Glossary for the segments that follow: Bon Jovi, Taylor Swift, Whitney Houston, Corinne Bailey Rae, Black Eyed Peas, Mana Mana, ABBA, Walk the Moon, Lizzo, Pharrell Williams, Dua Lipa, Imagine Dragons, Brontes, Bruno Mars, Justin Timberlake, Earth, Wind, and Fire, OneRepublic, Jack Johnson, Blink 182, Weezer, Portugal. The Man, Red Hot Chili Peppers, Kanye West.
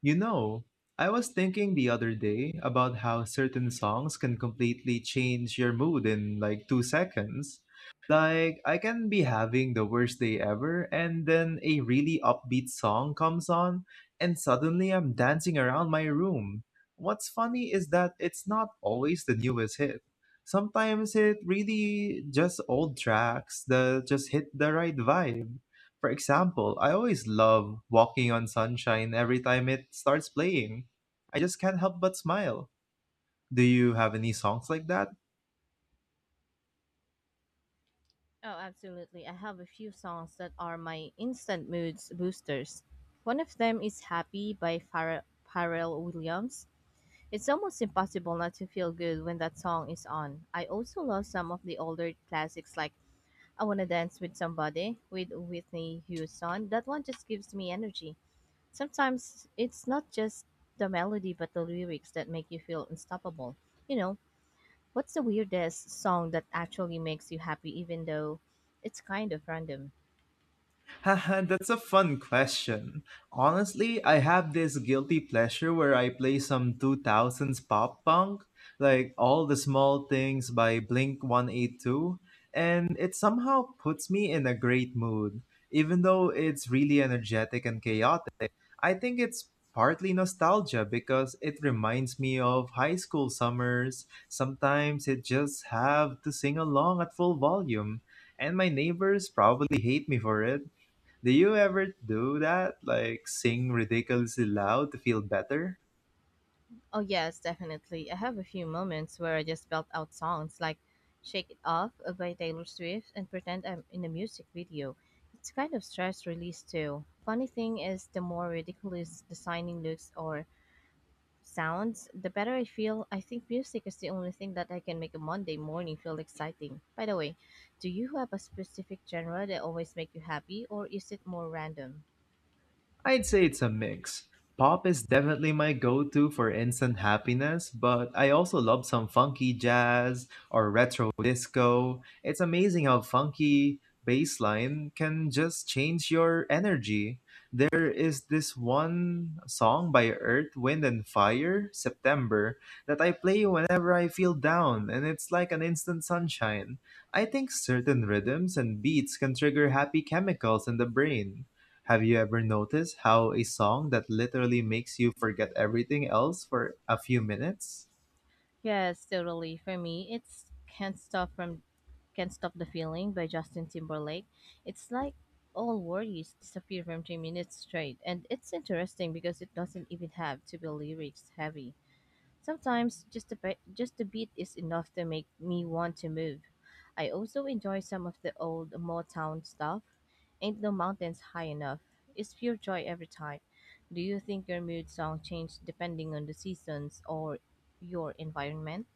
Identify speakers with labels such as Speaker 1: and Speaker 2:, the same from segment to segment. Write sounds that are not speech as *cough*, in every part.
Speaker 1: You know, I was thinking the other day about how certain songs can completely change your mood in like 2 seconds. Like, I can be having the worst day ever, and then a really upbeat song comes on, and suddenly I'm dancing around my room. What's funny is that it's not always the newest hit. Sometimes it really just old tracks that just hit the right vibe. For example, I always love Walking on Sunshine every time it starts playing. I just can't help but smile. Do you have any songs like that?
Speaker 2: Oh, absolutely. I have a few songs that are my instant moods boosters. One of them is Happy by Pharrell Williams. It's almost impossible not to feel good when that song is on. I also love some of the older classics like I Wanna Dance with Somebody with Whitney Houston. That one just gives me energy. Sometimes it's not just the melody but the lyrics that make you feel unstoppable. You know, What's the weirdest song that actually makes you happy, even though it's kind of random?
Speaker 1: *laughs* That's a fun question. Honestly, I have this guilty pleasure where I play some 2000s pop punk, like All the Small Things by Blink 182, and it somehow puts me in a great mood, even though it's really energetic and chaotic. I think it's partly nostalgia because it reminds me of high school summers. Sometimes it just have to sing along at full volume, and my neighbors probably hate me for it. Do you ever do that? Like sing ridiculously loud to feel better?
Speaker 2: Oh, yes, definitely. I have a few moments where I just belt out songs like Shake It Off by Taylor Swift and pretend I'm in a music video. It's kind of stress release, too. Funny thing is, the more ridiculous the signing looks or sounds, the better I feel. I think music is the only thing that I can make a Monday morning feel exciting. By the way, do you have a specific genre that always make you happy, or is it more random?
Speaker 1: I'd say it's a mix. Pop is definitely my go to for instant happiness, but I also love some funky jazz or retro disco. It's amazing how funky bass line can just change your energy. There is this one song by Earth, Wind, and Fire, September, that I play whenever I feel down, and it's like an instant sunshine. I think certain rhythms and beats can trigger happy chemicals in the brain. Have you ever noticed how a song that literally makes you forget everything else for a few minutes?
Speaker 2: Yes, totally. For me, it's Can't Stop from Can't Stop the Feeling by Justin Timberlake. It's like all worries disappear from 3 minutes straight, and it's interesting because it doesn't even have to be lyrics heavy. Sometimes just the beat is enough to make me want to move. I also enjoy some of the old Motown stuff. Ain't no mountains high enough. It's pure joy every time. Do you think your mood song changes depending on the seasons or your environment?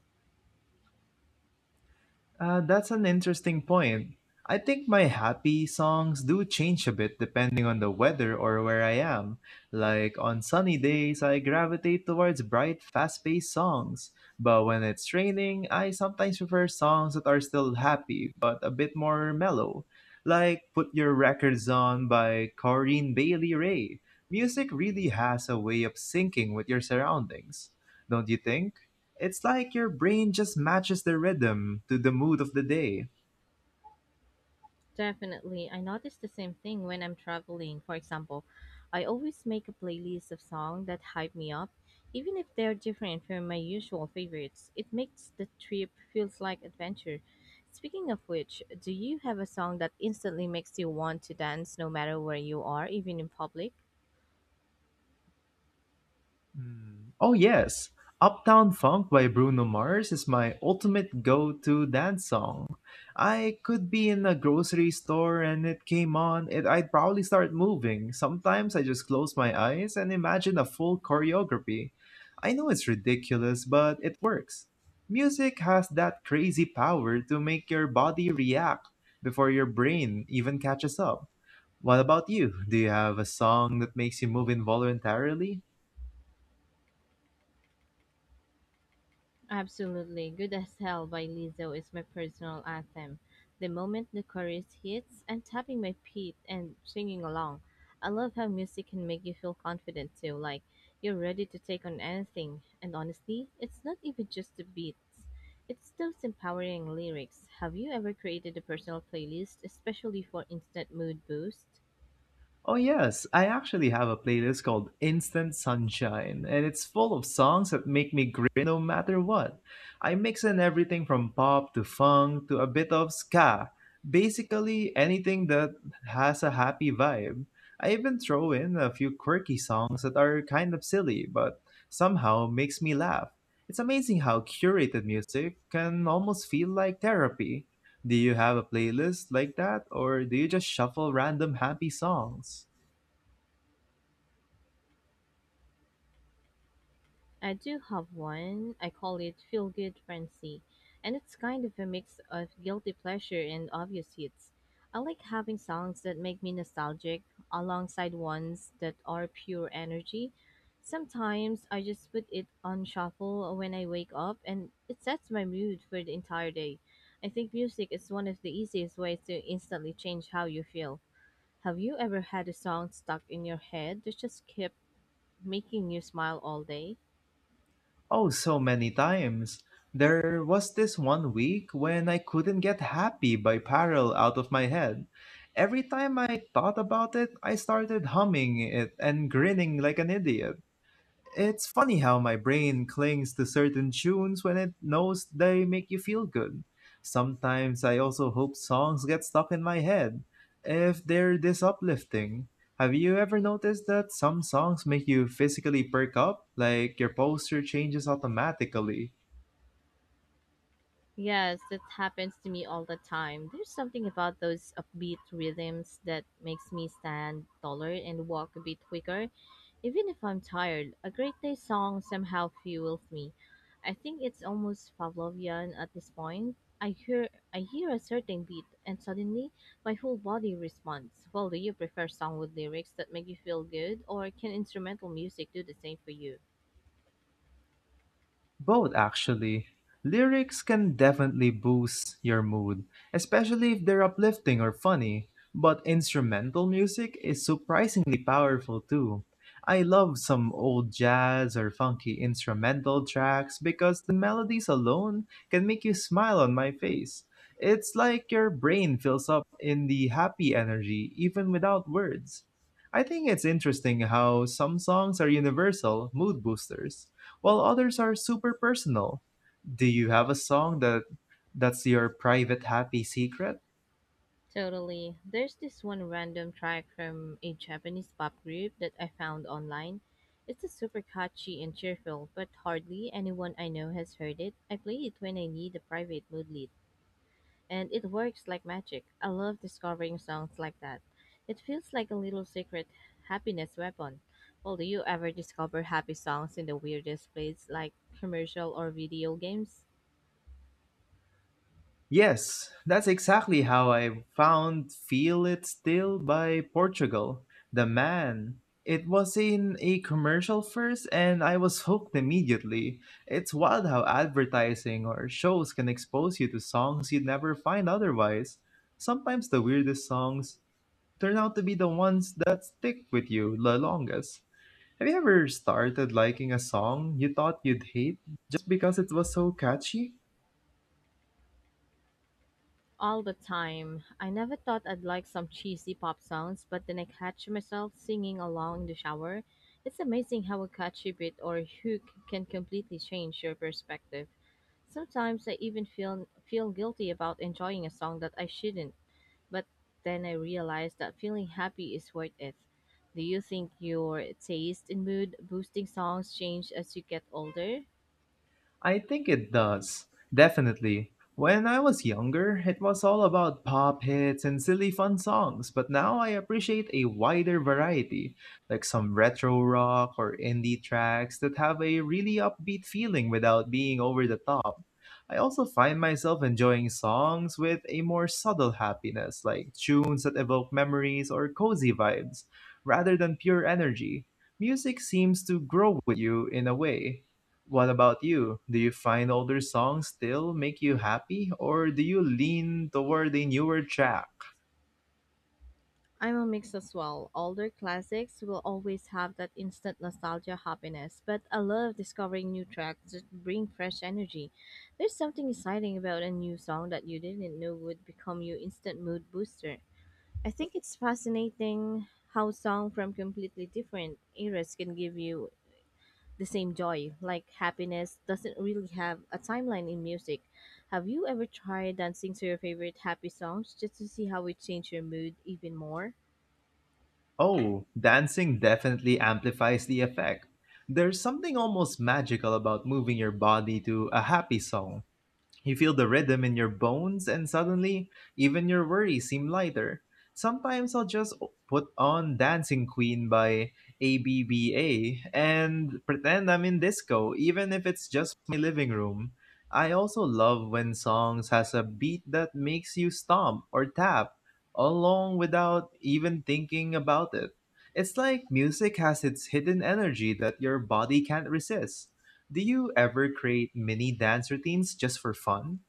Speaker 1: That's an interesting point. I think my happy songs do change a bit depending on the weather or where I am. Like on sunny days, I gravitate towards bright, fast paced songs. But when it's raining, I sometimes prefer songs that are still happy but a bit more mellow. Like Put Your Records On by Corinne Bailey Rae. Music really has a way of syncing with your surroundings, don't you think? It's like your brain just matches the rhythm to the mood of the day.
Speaker 2: Definitely. I notice the same thing when I'm traveling. For example, I always make a playlist of songs that hype me up, even if they're different from my usual favorites. It makes the trip feels like adventure. Speaking of which, do you have a song that instantly makes you want to dance no matter where you are, even in public?
Speaker 1: Mm. Oh, yes. Uptown Funk by Bruno Mars is my ultimate go to dance song. I could be in a grocery store and it came on, it, I'd probably start moving. Sometimes I just close my eyes and imagine a full choreography. I know it's ridiculous, but it works. Music has that crazy power to make your body react before your brain even catches up. What about you? Do you have a song that makes you move involuntarily?
Speaker 2: Absolutely. Good as Hell by Lizzo is my personal anthem. The moment the chorus hits, I'm tapping my feet and singing along. I love how music can make you feel confident too, like you're ready to take on anything. And honestly, it's not even just the beats, it's those empowering lyrics. Have you ever created a personal playlist, especially for instant mood boost?
Speaker 1: Oh, yes, I actually have a playlist called Instant Sunshine, and it's full of songs that make me grin no matter what. I mix in everything from pop to funk to a bit of ska, basically anything that has a happy vibe. I even throw in a few quirky songs that are kind of silly, but somehow makes me laugh. It's amazing how curated music can almost feel like therapy. Do you have a playlist like that, or do you just shuffle random happy songs?
Speaker 2: I do have one. I call it Feel Good Frenzy, and it's kind of a mix of guilty pleasure and obvious hits. I like having songs that make me nostalgic alongside ones that are pure energy. Sometimes I just put it on shuffle when I wake up, and it sets my mood for the entire day. I think music is one of the easiest ways to instantly change how you feel. Have you ever had a song stuck in your head that just kept making you smile all day?
Speaker 1: Oh, so many times. There was this one week when I couldn't get happy by Parallel out of my head. Every time I thought about it, I started humming it and grinning like an idiot. It's funny how my brain clings to certain tunes when it knows they make you feel good. Sometimes I also hope songs get stuck in my head if they're this uplifting. Have you ever noticed that some songs make you physically perk up, like your posture changes automatically?
Speaker 2: Yes, that happens to me all the time. There's something about those upbeat rhythms that makes me stand taller and walk a bit quicker, even if I'm tired. A great day song somehow fuels me. I think it's almost Pavlovian at this point. I hear a certain beat and suddenly my whole body responds. Well, do you prefer song with lyrics that make you feel good or can instrumental music do the same for you?
Speaker 1: Both, actually. Lyrics can definitely boost your mood, especially if they're uplifting or funny. But instrumental music is surprisingly powerful too. I love some old jazz or funky instrumental tracks because the melodies alone can make you smile on my face. It's like your brain fills up in the happy energy even without words. I think it's interesting how some songs are universal mood boosters while others are super personal. Do you have a song that that's your private happy secret?
Speaker 2: Totally. There's this one random track from a Japanese pop group that I found online. It's a super catchy and cheerful, but hardly anyone I know has heard it. I play it when I need a private mood lead, and it works like magic. I love discovering songs like that. It feels like a little secret happiness weapon. Well, do you ever discover happy songs in the weirdest places like commercial or video games?
Speaker 1: Yes, that's exactly how I found Feel It Still by Portugal. The man. It was in a commercial first and I was hooked immediately. It's wild how advertising or shows can expose you to songs you'd never find otherwise. Sometimes the weirdest songs turn out to be the ones that stick with you the longest. Have you ever started liking a song you thought you'd hate just because it was so catchy?
Speaker 2: All the time. I never thought I'd like some cheesy pop songs, but then I catch myself singing along in the shower. It's amazing how a catchy beat or hook can completely change your perspective. Sometimes I even feel guilty about enjoying a song that I shouldn't, but then I realize that feeling happy is worth it. Do you think your taste in mood boosting songs change as you get older?
Speaker 1: I think it does. Definitely. When I was younger, it was all about pop hits and silly fun songs, but now I appreciate a wider variety, like some retro rock or indie tracks that have a really upbeat feeling without being over the top. I also find myself enjoying songs with a more subtle happiness, like tunes that evoke memories or cozy vibes, rather than pure energy. Music seems to grow with you in a way. What about you? Do you find older songs still make you happy, or do you lean toward a newer track?
Speaker 2: I'm a mix as well. Older classics will always have that instant nostalgia happiness, but I love discovering new tracks that bring fresh energy. There's something exciting about a new song that you didn't know would become your instant mood booster. I think it's fascinating how songs from completely different eras can give you the same joy. Like happiness doesn't really have a timeline in music. Have you ever tried dancing to your favorite happy songs just to see how it changed your mood even more?
Speaker 1: Oh, dancing definitely amplifies the effect. There's something almost magical about moving your body to a happy song. You feel the rhythm in your bones, and suddenly, even your worries seem lighter. Sometimes I'll put on Dancing Queen by ABBA and pretend I'm in disco, even if it's just my living room. I also love when songs has a beat that makes you stomp or tap along without even thinking about it. It's like music has its hidden energy that your body can't resist. Do you ever create mini dance routines just for fun?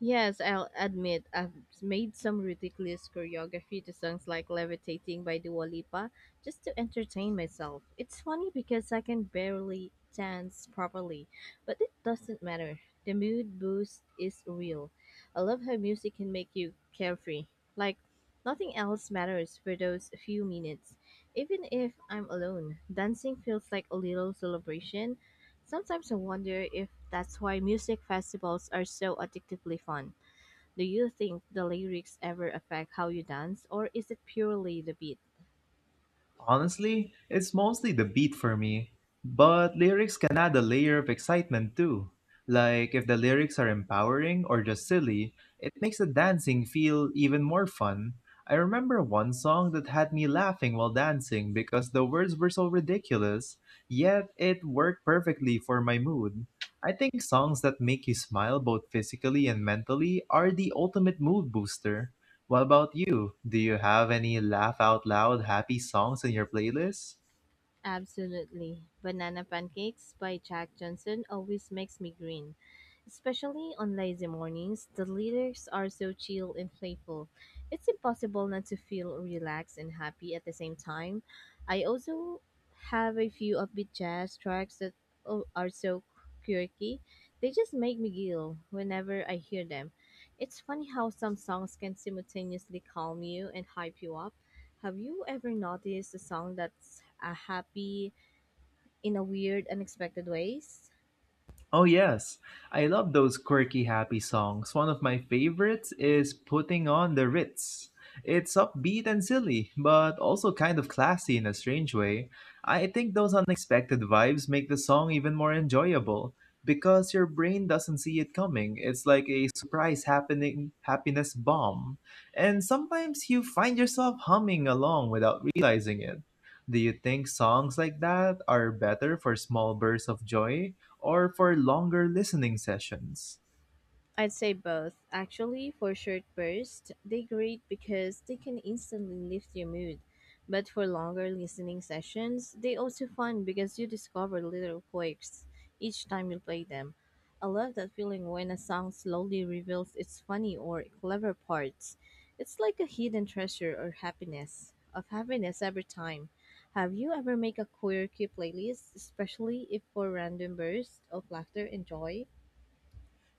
Speaker 2: Yes, I'll admit I've made some ridiculous choreography to songs like Levitating by Dua Lipa just to entertain myself. It's funny because I can barely dance properly, but it doesn't matter. The mood boost is real. I love how music can make you carefree. Like nothing else matters for those few minutes. Even if I'm alone, dancing feels like a little celebration. Sometimes I wonder if that's why music festivals are so addictively fun. Do you think the lyrics ever affect how you dance, or is it purely the beat?
Speaker 1: Honestly, it's mostly the beat for me. But lyrics can add a layer of excitement too. Like, if the lyrics are empowering or just silly, it makes the dancing feel even more fun. I remember one song that had me laughing while dancing because the words were so ridiculous, yet it worked perfectly for my mood. I think songs that make you smile both physically and mentally are the ultimate mood booster. What about you? Do you have any laugh out loud happy songs in your playlist?
Speaker 2: Absolutely. Banana Pancakes by Jack Johnson always makes me grin. Especially on lazy mornings, the lyrics are so chill and playful. It's impossible not to feel relaxed and happy at the same time. I also have a few upbeat jazz tracks that are so quirky. They just make me giggle whenever I hear them. It's funny how some songs can simultaneously calm you and hype you up. Have you ever noticed a song that's a happy in a weird, unexpected ways?
Speaker 1: Oh, yes. I love those quirky, happy songs. One of my favorites is Putting on the Ritz. It's upbeat and silly, but also kind of classy in a strange way. I think those unexpected vibes make the song even more enjoyable because your brain doesn't see it coming. It's like a surprise happening happiness bomb. And sometimes you find yourself humming along without realizing it. Do you think songs like that are better for small bursts of joy, or for longer listening sessions?
Speaker 2: I'd say both. Actually, for short bursts, they great because they can instantly lift your mood. But for longer listening sessions, they also fun because you discover little quirks each time you play them. I love that feeling when a song slowly reveals its funny or clever parts. It's like a hidden treasure or happiness of happiness every time. Have you ever make a quirky playlist, especially if for random bursts of laughter and joy?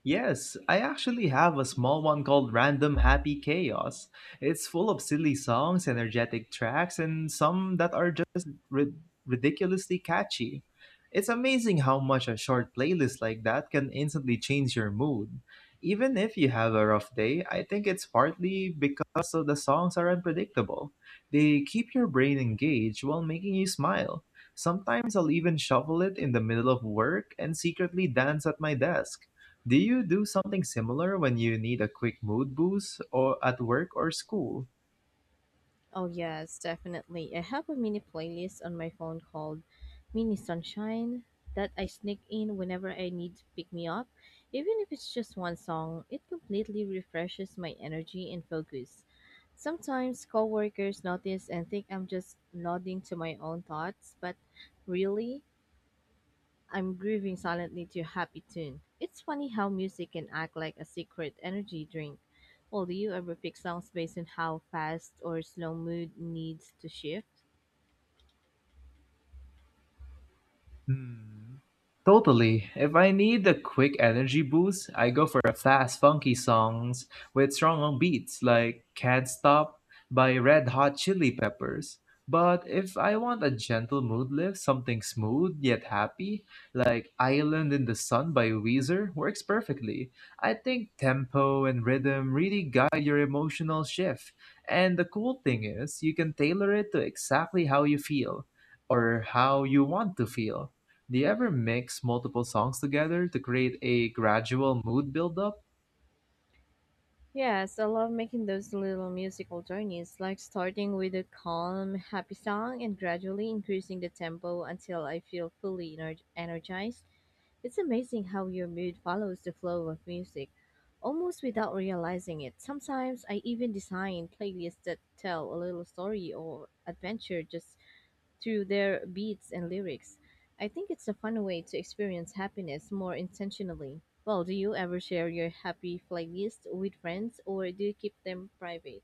Speaker 1: Yes, I actually have a small one called Random Happy Chaos. It's full of silly songs, energetic tracks, and some that are ridiculously catchy. It's amazing how much a short playlist like that can instantly change your mood. Even if you have a rough day, I think it's partly because of the songs are unpredictable. They keep your brain engaged while making you smile. Sometimes I'll even shuffle it in the middle of work and secretly dance at my desk. Do you do something similar when you need a quick mood boost or at work or school?
Speaker 2: Oh, yes, definitely. I have a mini playlist on my phone called Mini Sunshine that I sneak in whenever I need to pick me up. Even if it's just one song, it completely refreshes my energy and focus. Sometimes coworkers notice and think I'm just nodding to my own thoughts, but really, I'm grooving silently to a happy tune. It's funny how music can act like a secret energy drink. Well, do you ever pick songs based on how fast or slow mood needs to shift?
Speaker 1: Hmm. Totally. If I need a quick energy boost, I go for a fast, funky songs with strong beats like Can't Stop by Red Hot Chili Peppers. But if I want a gentle mood lift, something smooth yet happy, like Island in the Sun by Weezer, works perfectly. I think tempo and rhythm really guide your emotional shift. And the cool thing is, you can tailor it to exactly how you feel or how you want to feel. Do you ever mix multiple songs together to create a gradual mood buildup?
Speaker 2: Yes, I love making those little musical journeys, like starting with a calm, happy song and gradually increasing the tempo until I feel energized. It's amazing how your mood follows the flow of music, almost without realizing it. Sometimes I even design playlists that tell a little story or adventure just through their beats and lyrics. I think it's a fun way to experience happiness more intentionally. Well, do you ever share your happy playlist with friends or do you keep them private?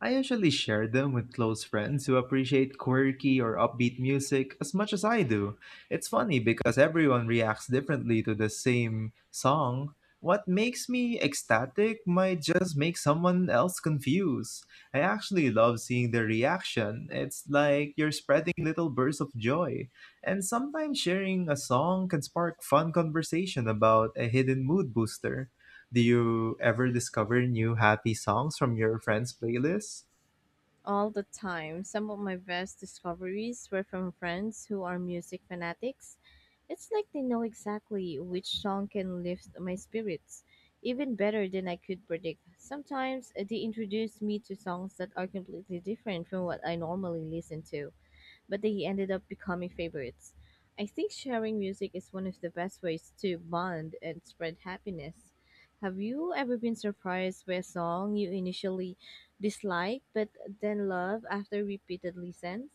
Speaker 1: I usually share them with close friends who appreciate quirky or upbeat music as much as I do. It's funny because everyone reacts differently to the same song. What makes me ecstatic might just make someone else confused. I actually love seeing their reaction. It's like you're spreading little bursts of joy. And sometimes sharing a song can spark fun conversation about a hidden mood booster. Do you ever discover new happy songs from your friends' playlists?
Speaker 2: All the time. Some of my best discoveries were from friends who are music fanatics. It's like they know exactly which song can lift my spirits, even better than I could predict. Sometimes they introduce me to songs that are completely different from what I normally listen to, but they ended up becoming favorites. I think sharing music is one of the best ways to bond and spread happiness. Have you ever been surprised by a song you initially disliked but then love after repeated listens?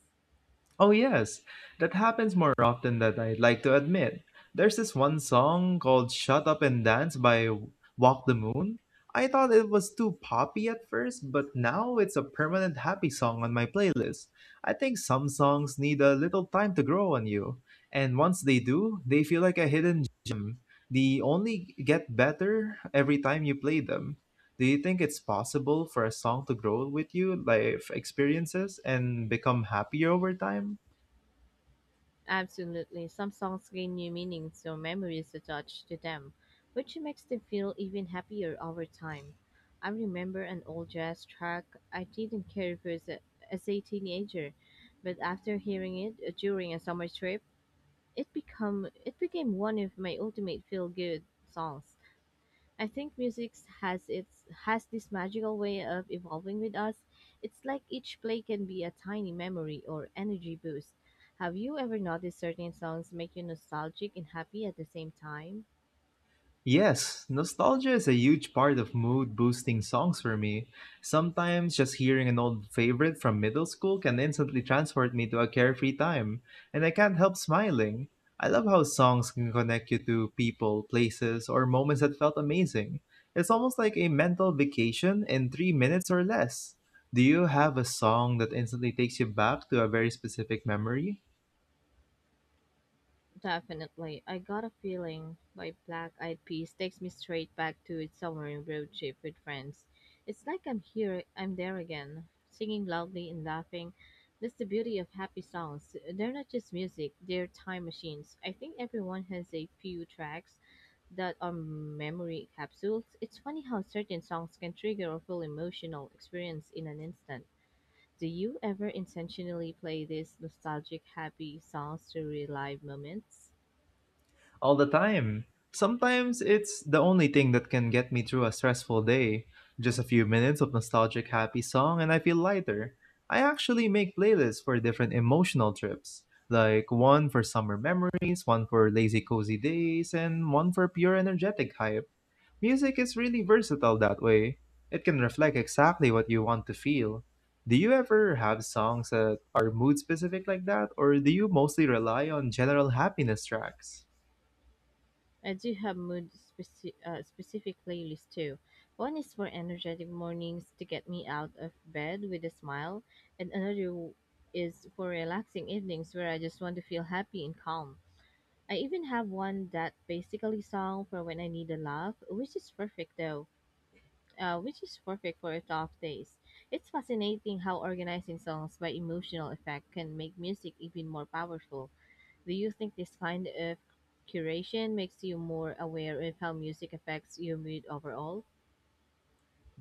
Speaker 1: Oh, yes, that happens more often than I'd like to admit. There's this one song called Shut Up and Dance by Walk the Moon. I thought it was too poppy at first, but now it's a permanent happy song on my playlist. I think some songs need a little time to grow on you, and once they do, they feel like a hidden gem. They only get better every time you play them. Do you think it's possible for a song to grow with you, life experiences, and become happier over time?
Speaker 2: Absolutely. Some songs gain new meanings or memories attached to them, which makes them feel even happier over time. I remember an old jazz track I didn't care for as a teenager, but after hearing it during a summer trip, it became one of my ultimate feel good songs. I think music has this magical way of evolving with us. It's like each play can be a tiny memory or energy boost. Have you ever noticed certain songs make you nostalgic and happy at the same time?
Speaker 1: Yes, nostalgia is a huge part of mood boosting songs for me. Sometimes just hearing an old favorite from middle school can instantly transport me to a carefree time, and I can't help smiling. I love how songs can connect you to people, places, or moments that felt amazing. It's almost like a mental vacation in 3 minutes or less. Do you have a song that instantly takes you back to a very specific memory?
Speaker 2: Definitely. I Got a Feeling by Black Eyed Peas takes me straight back to its summer road trip with friends. It's like I'm there again, singing loudly and laughing. That's the beauty of happy songs. They're not just music, they're time machines. I think everyone has a few tracks that are memory capsules. It's funny how certain songs can trigger a full emotional experience in an instant. Do you ever intentionally play these nostalgic, happy songs to relive moments?
Speaker 1: All the time. Sometimes it's the only thing that can get me through a stressful day. Just a few minutes of nostalgic happy song and I feel lighter. I actually make playlists for different emotional trips, like one for summer memories, one for lazy cozy days, and one for pure energetic hype. Music is really versatile that way. It can reflect exactly what you want to feel. Do you ever have songs that are mood specific like that, or do you mostly rely on general happiness tracks?
Speaker 2: I do have specific playlists too. One is for energetic mornings to get me out of bed with a smile, and another is for relaxing evenings where I just want to feel happy and calm. I even have one that basically song for when I need a laugh, which is perfect though. Which is perfect for tough days. It's fascinating how organizing songs by emotional effect can make music even more powerful. Do you think this kind of curation makes you more aware of how music affects your mood overall?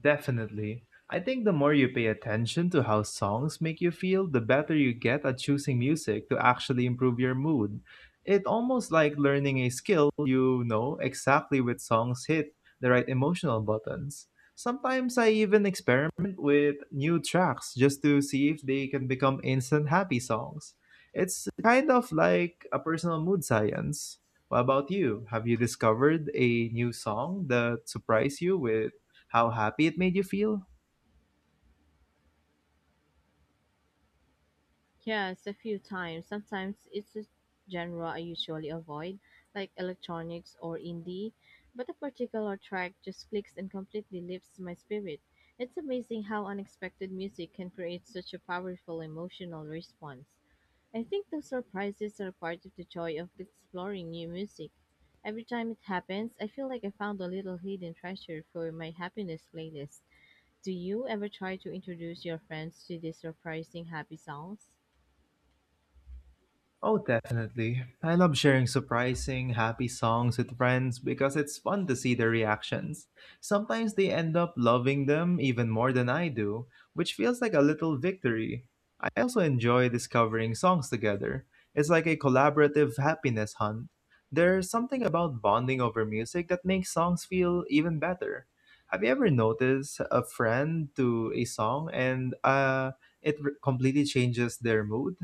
Speaker 1: Definitely. I think the more you pay attention to how songs make you feel, the better you get at choosing music to actually improve your mood. It almost like learning a skill, you know exactly which songs hit the right emotional buttons. Sometimes I even experiment with new tracks just to see if they can become instant happy songs. It's kind of like a personal mood science. What about you? Have you discovered a new song that surprised you with how happy it made you feel?
Speaker 2: Yes, a few times. Sometimes it's a genre I usually avoid, like electronics or indie, but a particular track just clicks and completely lifts my spirit. It's amazing how unexpected music can create such a powerful emotional response. I think those surprises are part of the joy of exploring new music. Every time it happens, I feel like I found a little hidden treasure for my happiness playlist. Do you ever try to introduce your friends to these surprising happy songs?
Speaker 1: Oh, definitely. I love sharing surprising, happy songs with friends because it's fun to see their reactions. Sometimes they end up loving them even more than I do, which feels like a little victory. I also enjoy discovering songs together. It's like a collaborative happiness hunt. There's something about bonding over music that makes songs feel even better. Have you ever noticed a friend to a song and it completely changes their mood?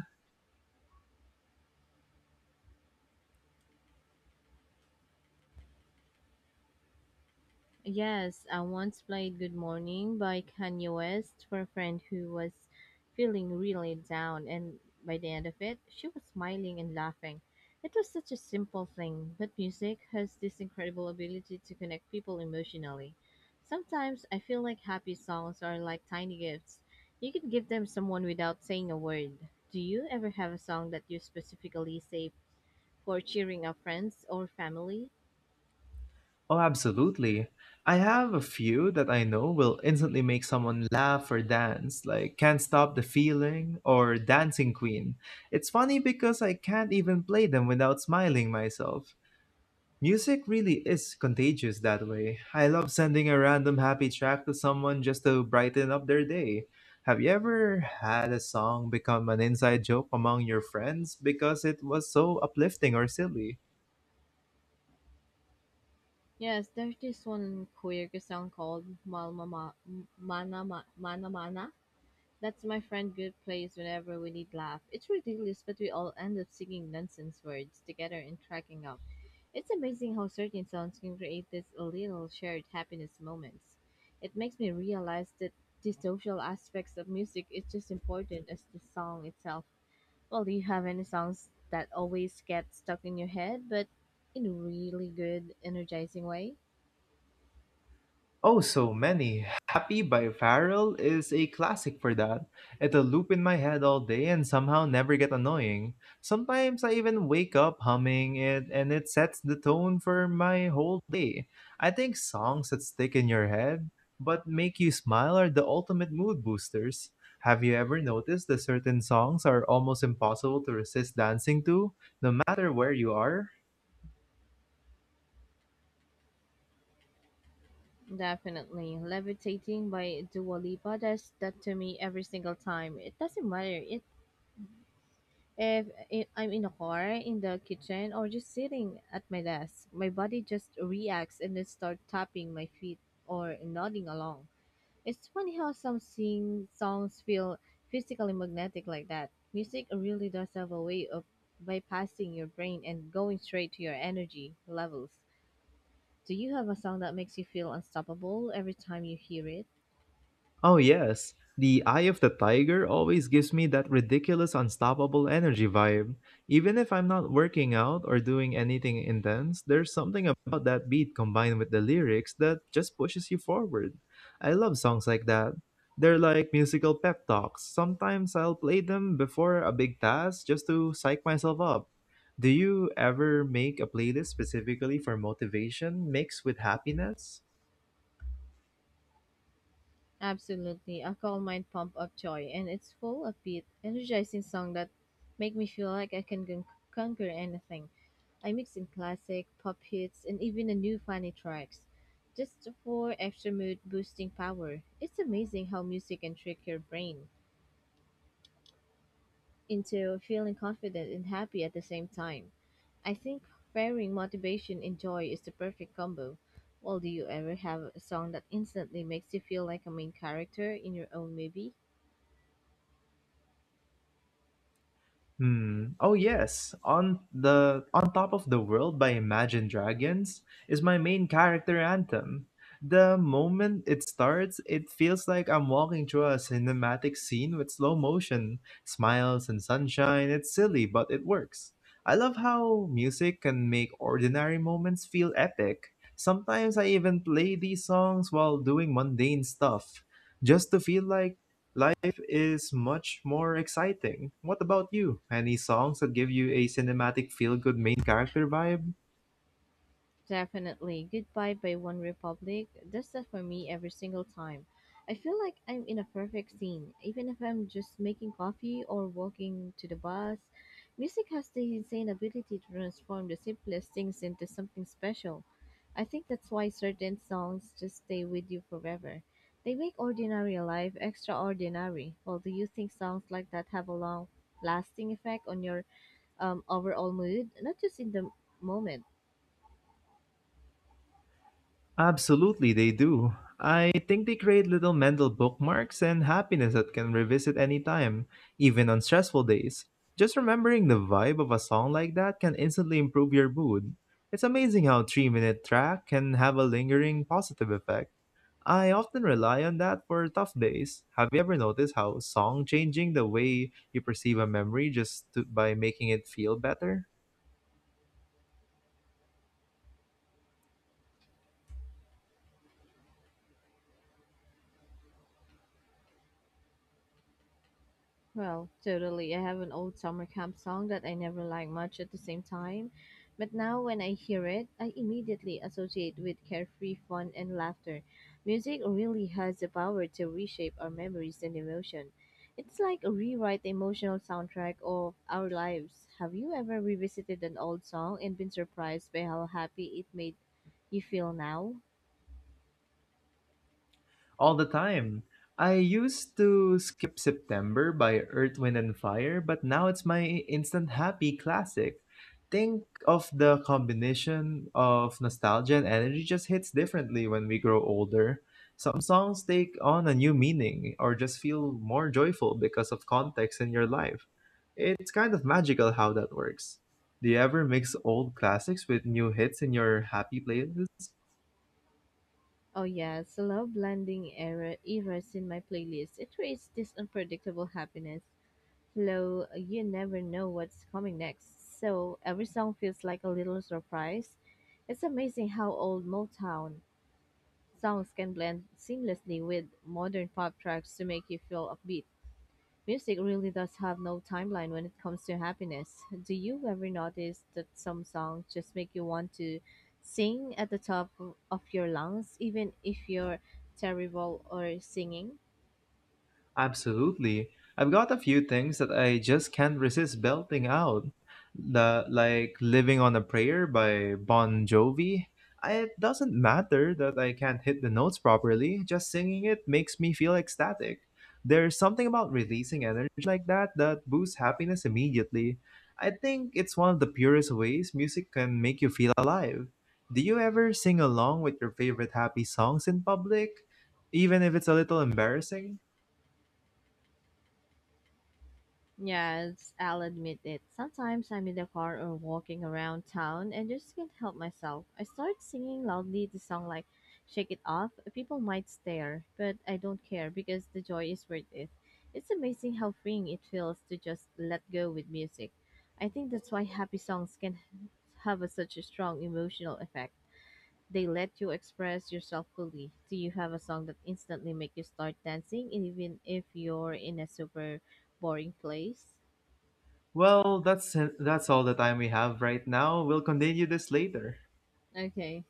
Speaker 2: Yes, I once played Good Morning by Kanye West for a friend who was feeling really down, and by the end of it, she was smiling and laughing. It was such a simple thing, but music has this incredible ability to connect people emotionally. Sometimes I feel like happy songs are like tiny gifts. You can give them someone without saying a word. Do you ever have a song that you specifically save for cheering up friends or family?
Speaker 1: Oh, absolutely. I have a few that I know will instantly make someone laugh or dance, like Can't Stop the Feeling or Dancing Queen. It's funny because I can't even play them without smiling myself. Music really is contagious that way. I love sending a random happy track to someone just to brighten up their day. Have you ever had a song become an inside joke among your friends because it was so uplifting or silly?
Speaker 2: Yes, there's this one quirky song called Mal Mama Mana Mana Mana. That's my friend Good plays whenever we need laugh. It's ridiculous, but we all end up singing nonsense words together and cracking up. It's amazing how certain songs can create these little shared happiness moments. It makes me realize that the social aspects of music is just important as the song itself. Well, do you have any songs that always get stuck in your head, but in a really good, energizing way?
Speaker 1: Oh, so many. Happy by Farrell is a classic for that. It'll loop in my head all day and somehow never get annoying. Sometimes I even wake up humming it and it sets the tone for my whole day. I think songs that stick in your head but make you smile are the ultimate mood boosters. Have you ever noticed that certain songs are almost impossible to resist dancing to, no matter where you are?
Speaker 2: Definitely. Levitating by Dua Lipa does that to me every single time. It doesn't matter it, If I'm in a car, in the kitchen, or just sitting at my desk. My body just reacts and then start tapping my feet or nodding along. It's funny how some sing songs feel physically magnetic like that. Music really does have a way of bypassing your brain and going straight to your energy levels. Do you have a song that makes you feel unstoppable every time you hear it?
Speaker 1: Oh, yes. The Eye of the Tiger always gives me that ridiculous, unstoppable energy vibe. Even if I'm not working out or doing anything intense, there's something about that beat combined with the lyrics that just pushes you forward. I love songs like that. They're like musical pep talks. Sometimes I'll play them before a big task just to psych myself up. Do you ever make a playlist specifically for motivation mixed with happiness?
Speaker 2: Absolutely, a call might pump up joy, and it's full of beat, energizing song that make me feel like I can conquer anything. I mix in classic, pop hits, and even a new funny tracks, just for extra mood boosting power. It's amazing how music can trick your brain into feeling confident and happy at the same time. I think pairing motivation and joy is the perfect combo. Well, do you ever have a song that instantly makes you feel like a main character in your own movie?
Speaker 1: Hmm. Oh yes, on the On Top of the World by Imagine Dragons is my main character anthem. The moment it starts, it feels like I'm walking through a cinematic scene with slow motion, smiles and sunshine. It's silly, but it works. I love how music can make ordinary moments feel epic. Sometimes I even play these songs while doing mundane stuff, just to feel like life is much more exciting. What about you? Any songs that give you a cinematic feel good main character vibe?
Speaker 2: Definitely. Goodbye by One Republic does that for me every single time. I feel like I'm in a perfect scene, even if I'm just making coffee or walking to the bus. Music has the insane ability to transform the simplest things into something special. I think that's why certain songs just stay with you forever. They make ordinary life extraordinary. Well, do you think songs like that have a long lasting effect on your overall mood, not just in the moment?
Speaker 1: Absolutely, they do. I think they create little mental bookmarks and happiness that can revisit anytime, even on stressful days. Just remembering the vibe of a song like that can instantly improve your mood. It's amazing how a 3-minute minute track can have a lingering positive effect. I often rely on that for tough days. Have you ever noticed how song changing the way you perceive a memory just to, by making it feel better?
Speaker 2: Well, totally. I have an old summer camp song that I never liked much at the same time, but now when I hear it, I immediately associate with carefree fun and laughter. Music really has the power to reshape our memories and emotion. It's like a rewrite the emotional soundtrack of our lives. Have you ever revisited an old song and been surprised by how happy it made you feel now?
Speaker 1: All the time. I used to skip September by Earth, Wind, and Fire, but now it's my instant happy classic. Think of the combination of nostalgia and energy just hits differently when we grow older. Some songs take on a new meaning or just feel more joyful because of context in your life. It's kind of magical how that works. Do you ever mix old classics with new hits in your happy playlist?
Speaker 2: Oh yes, love blending eras in my playlist. It creates this unpredictable happiness. Though you never know what's coming next, so every song feels like a little surprise. It's amazing how old Motown songs can blend seamlessly with modern pop tracks to make you feel upbeat. Music really does have no timeline when it comes to happiness. Do you ever notice that some songs just make you want to sing at the top of your lungs, even if you're terrible or singing?
Speaker 1: Absolutely. I've got a few things that I just can't resist belting out. The like Living on a Prayer by Bon Jovi. It doesn't matter that I can't hit the notes properly, just singing it makes me feel ecstatic. There's something about releasing energy like that that boosts happiness immediately. I think it's one of the purest ways music can make you feel alive. Do you ever sing along with your favorite happy songs in public, even if it's a little embarrassing?
Speaker 2: Yes, I'll admit it. Sometimes I'm in the car or walking around town and just can't help myself. I start singing loudly the song like Shake It Off. People might stare, but I don't care because the joy is worth it. It's amazing how freeing it feels to just let go with music. I think that's why happy songs can such a strong emotional effect. They let you express yourself fully. Do you have a song that instantly make you start dancing even if you're in a super boring place?
Speaker 1: Well, that's all the time we have right now. We'll continue this later.
Speaker 2: Okay.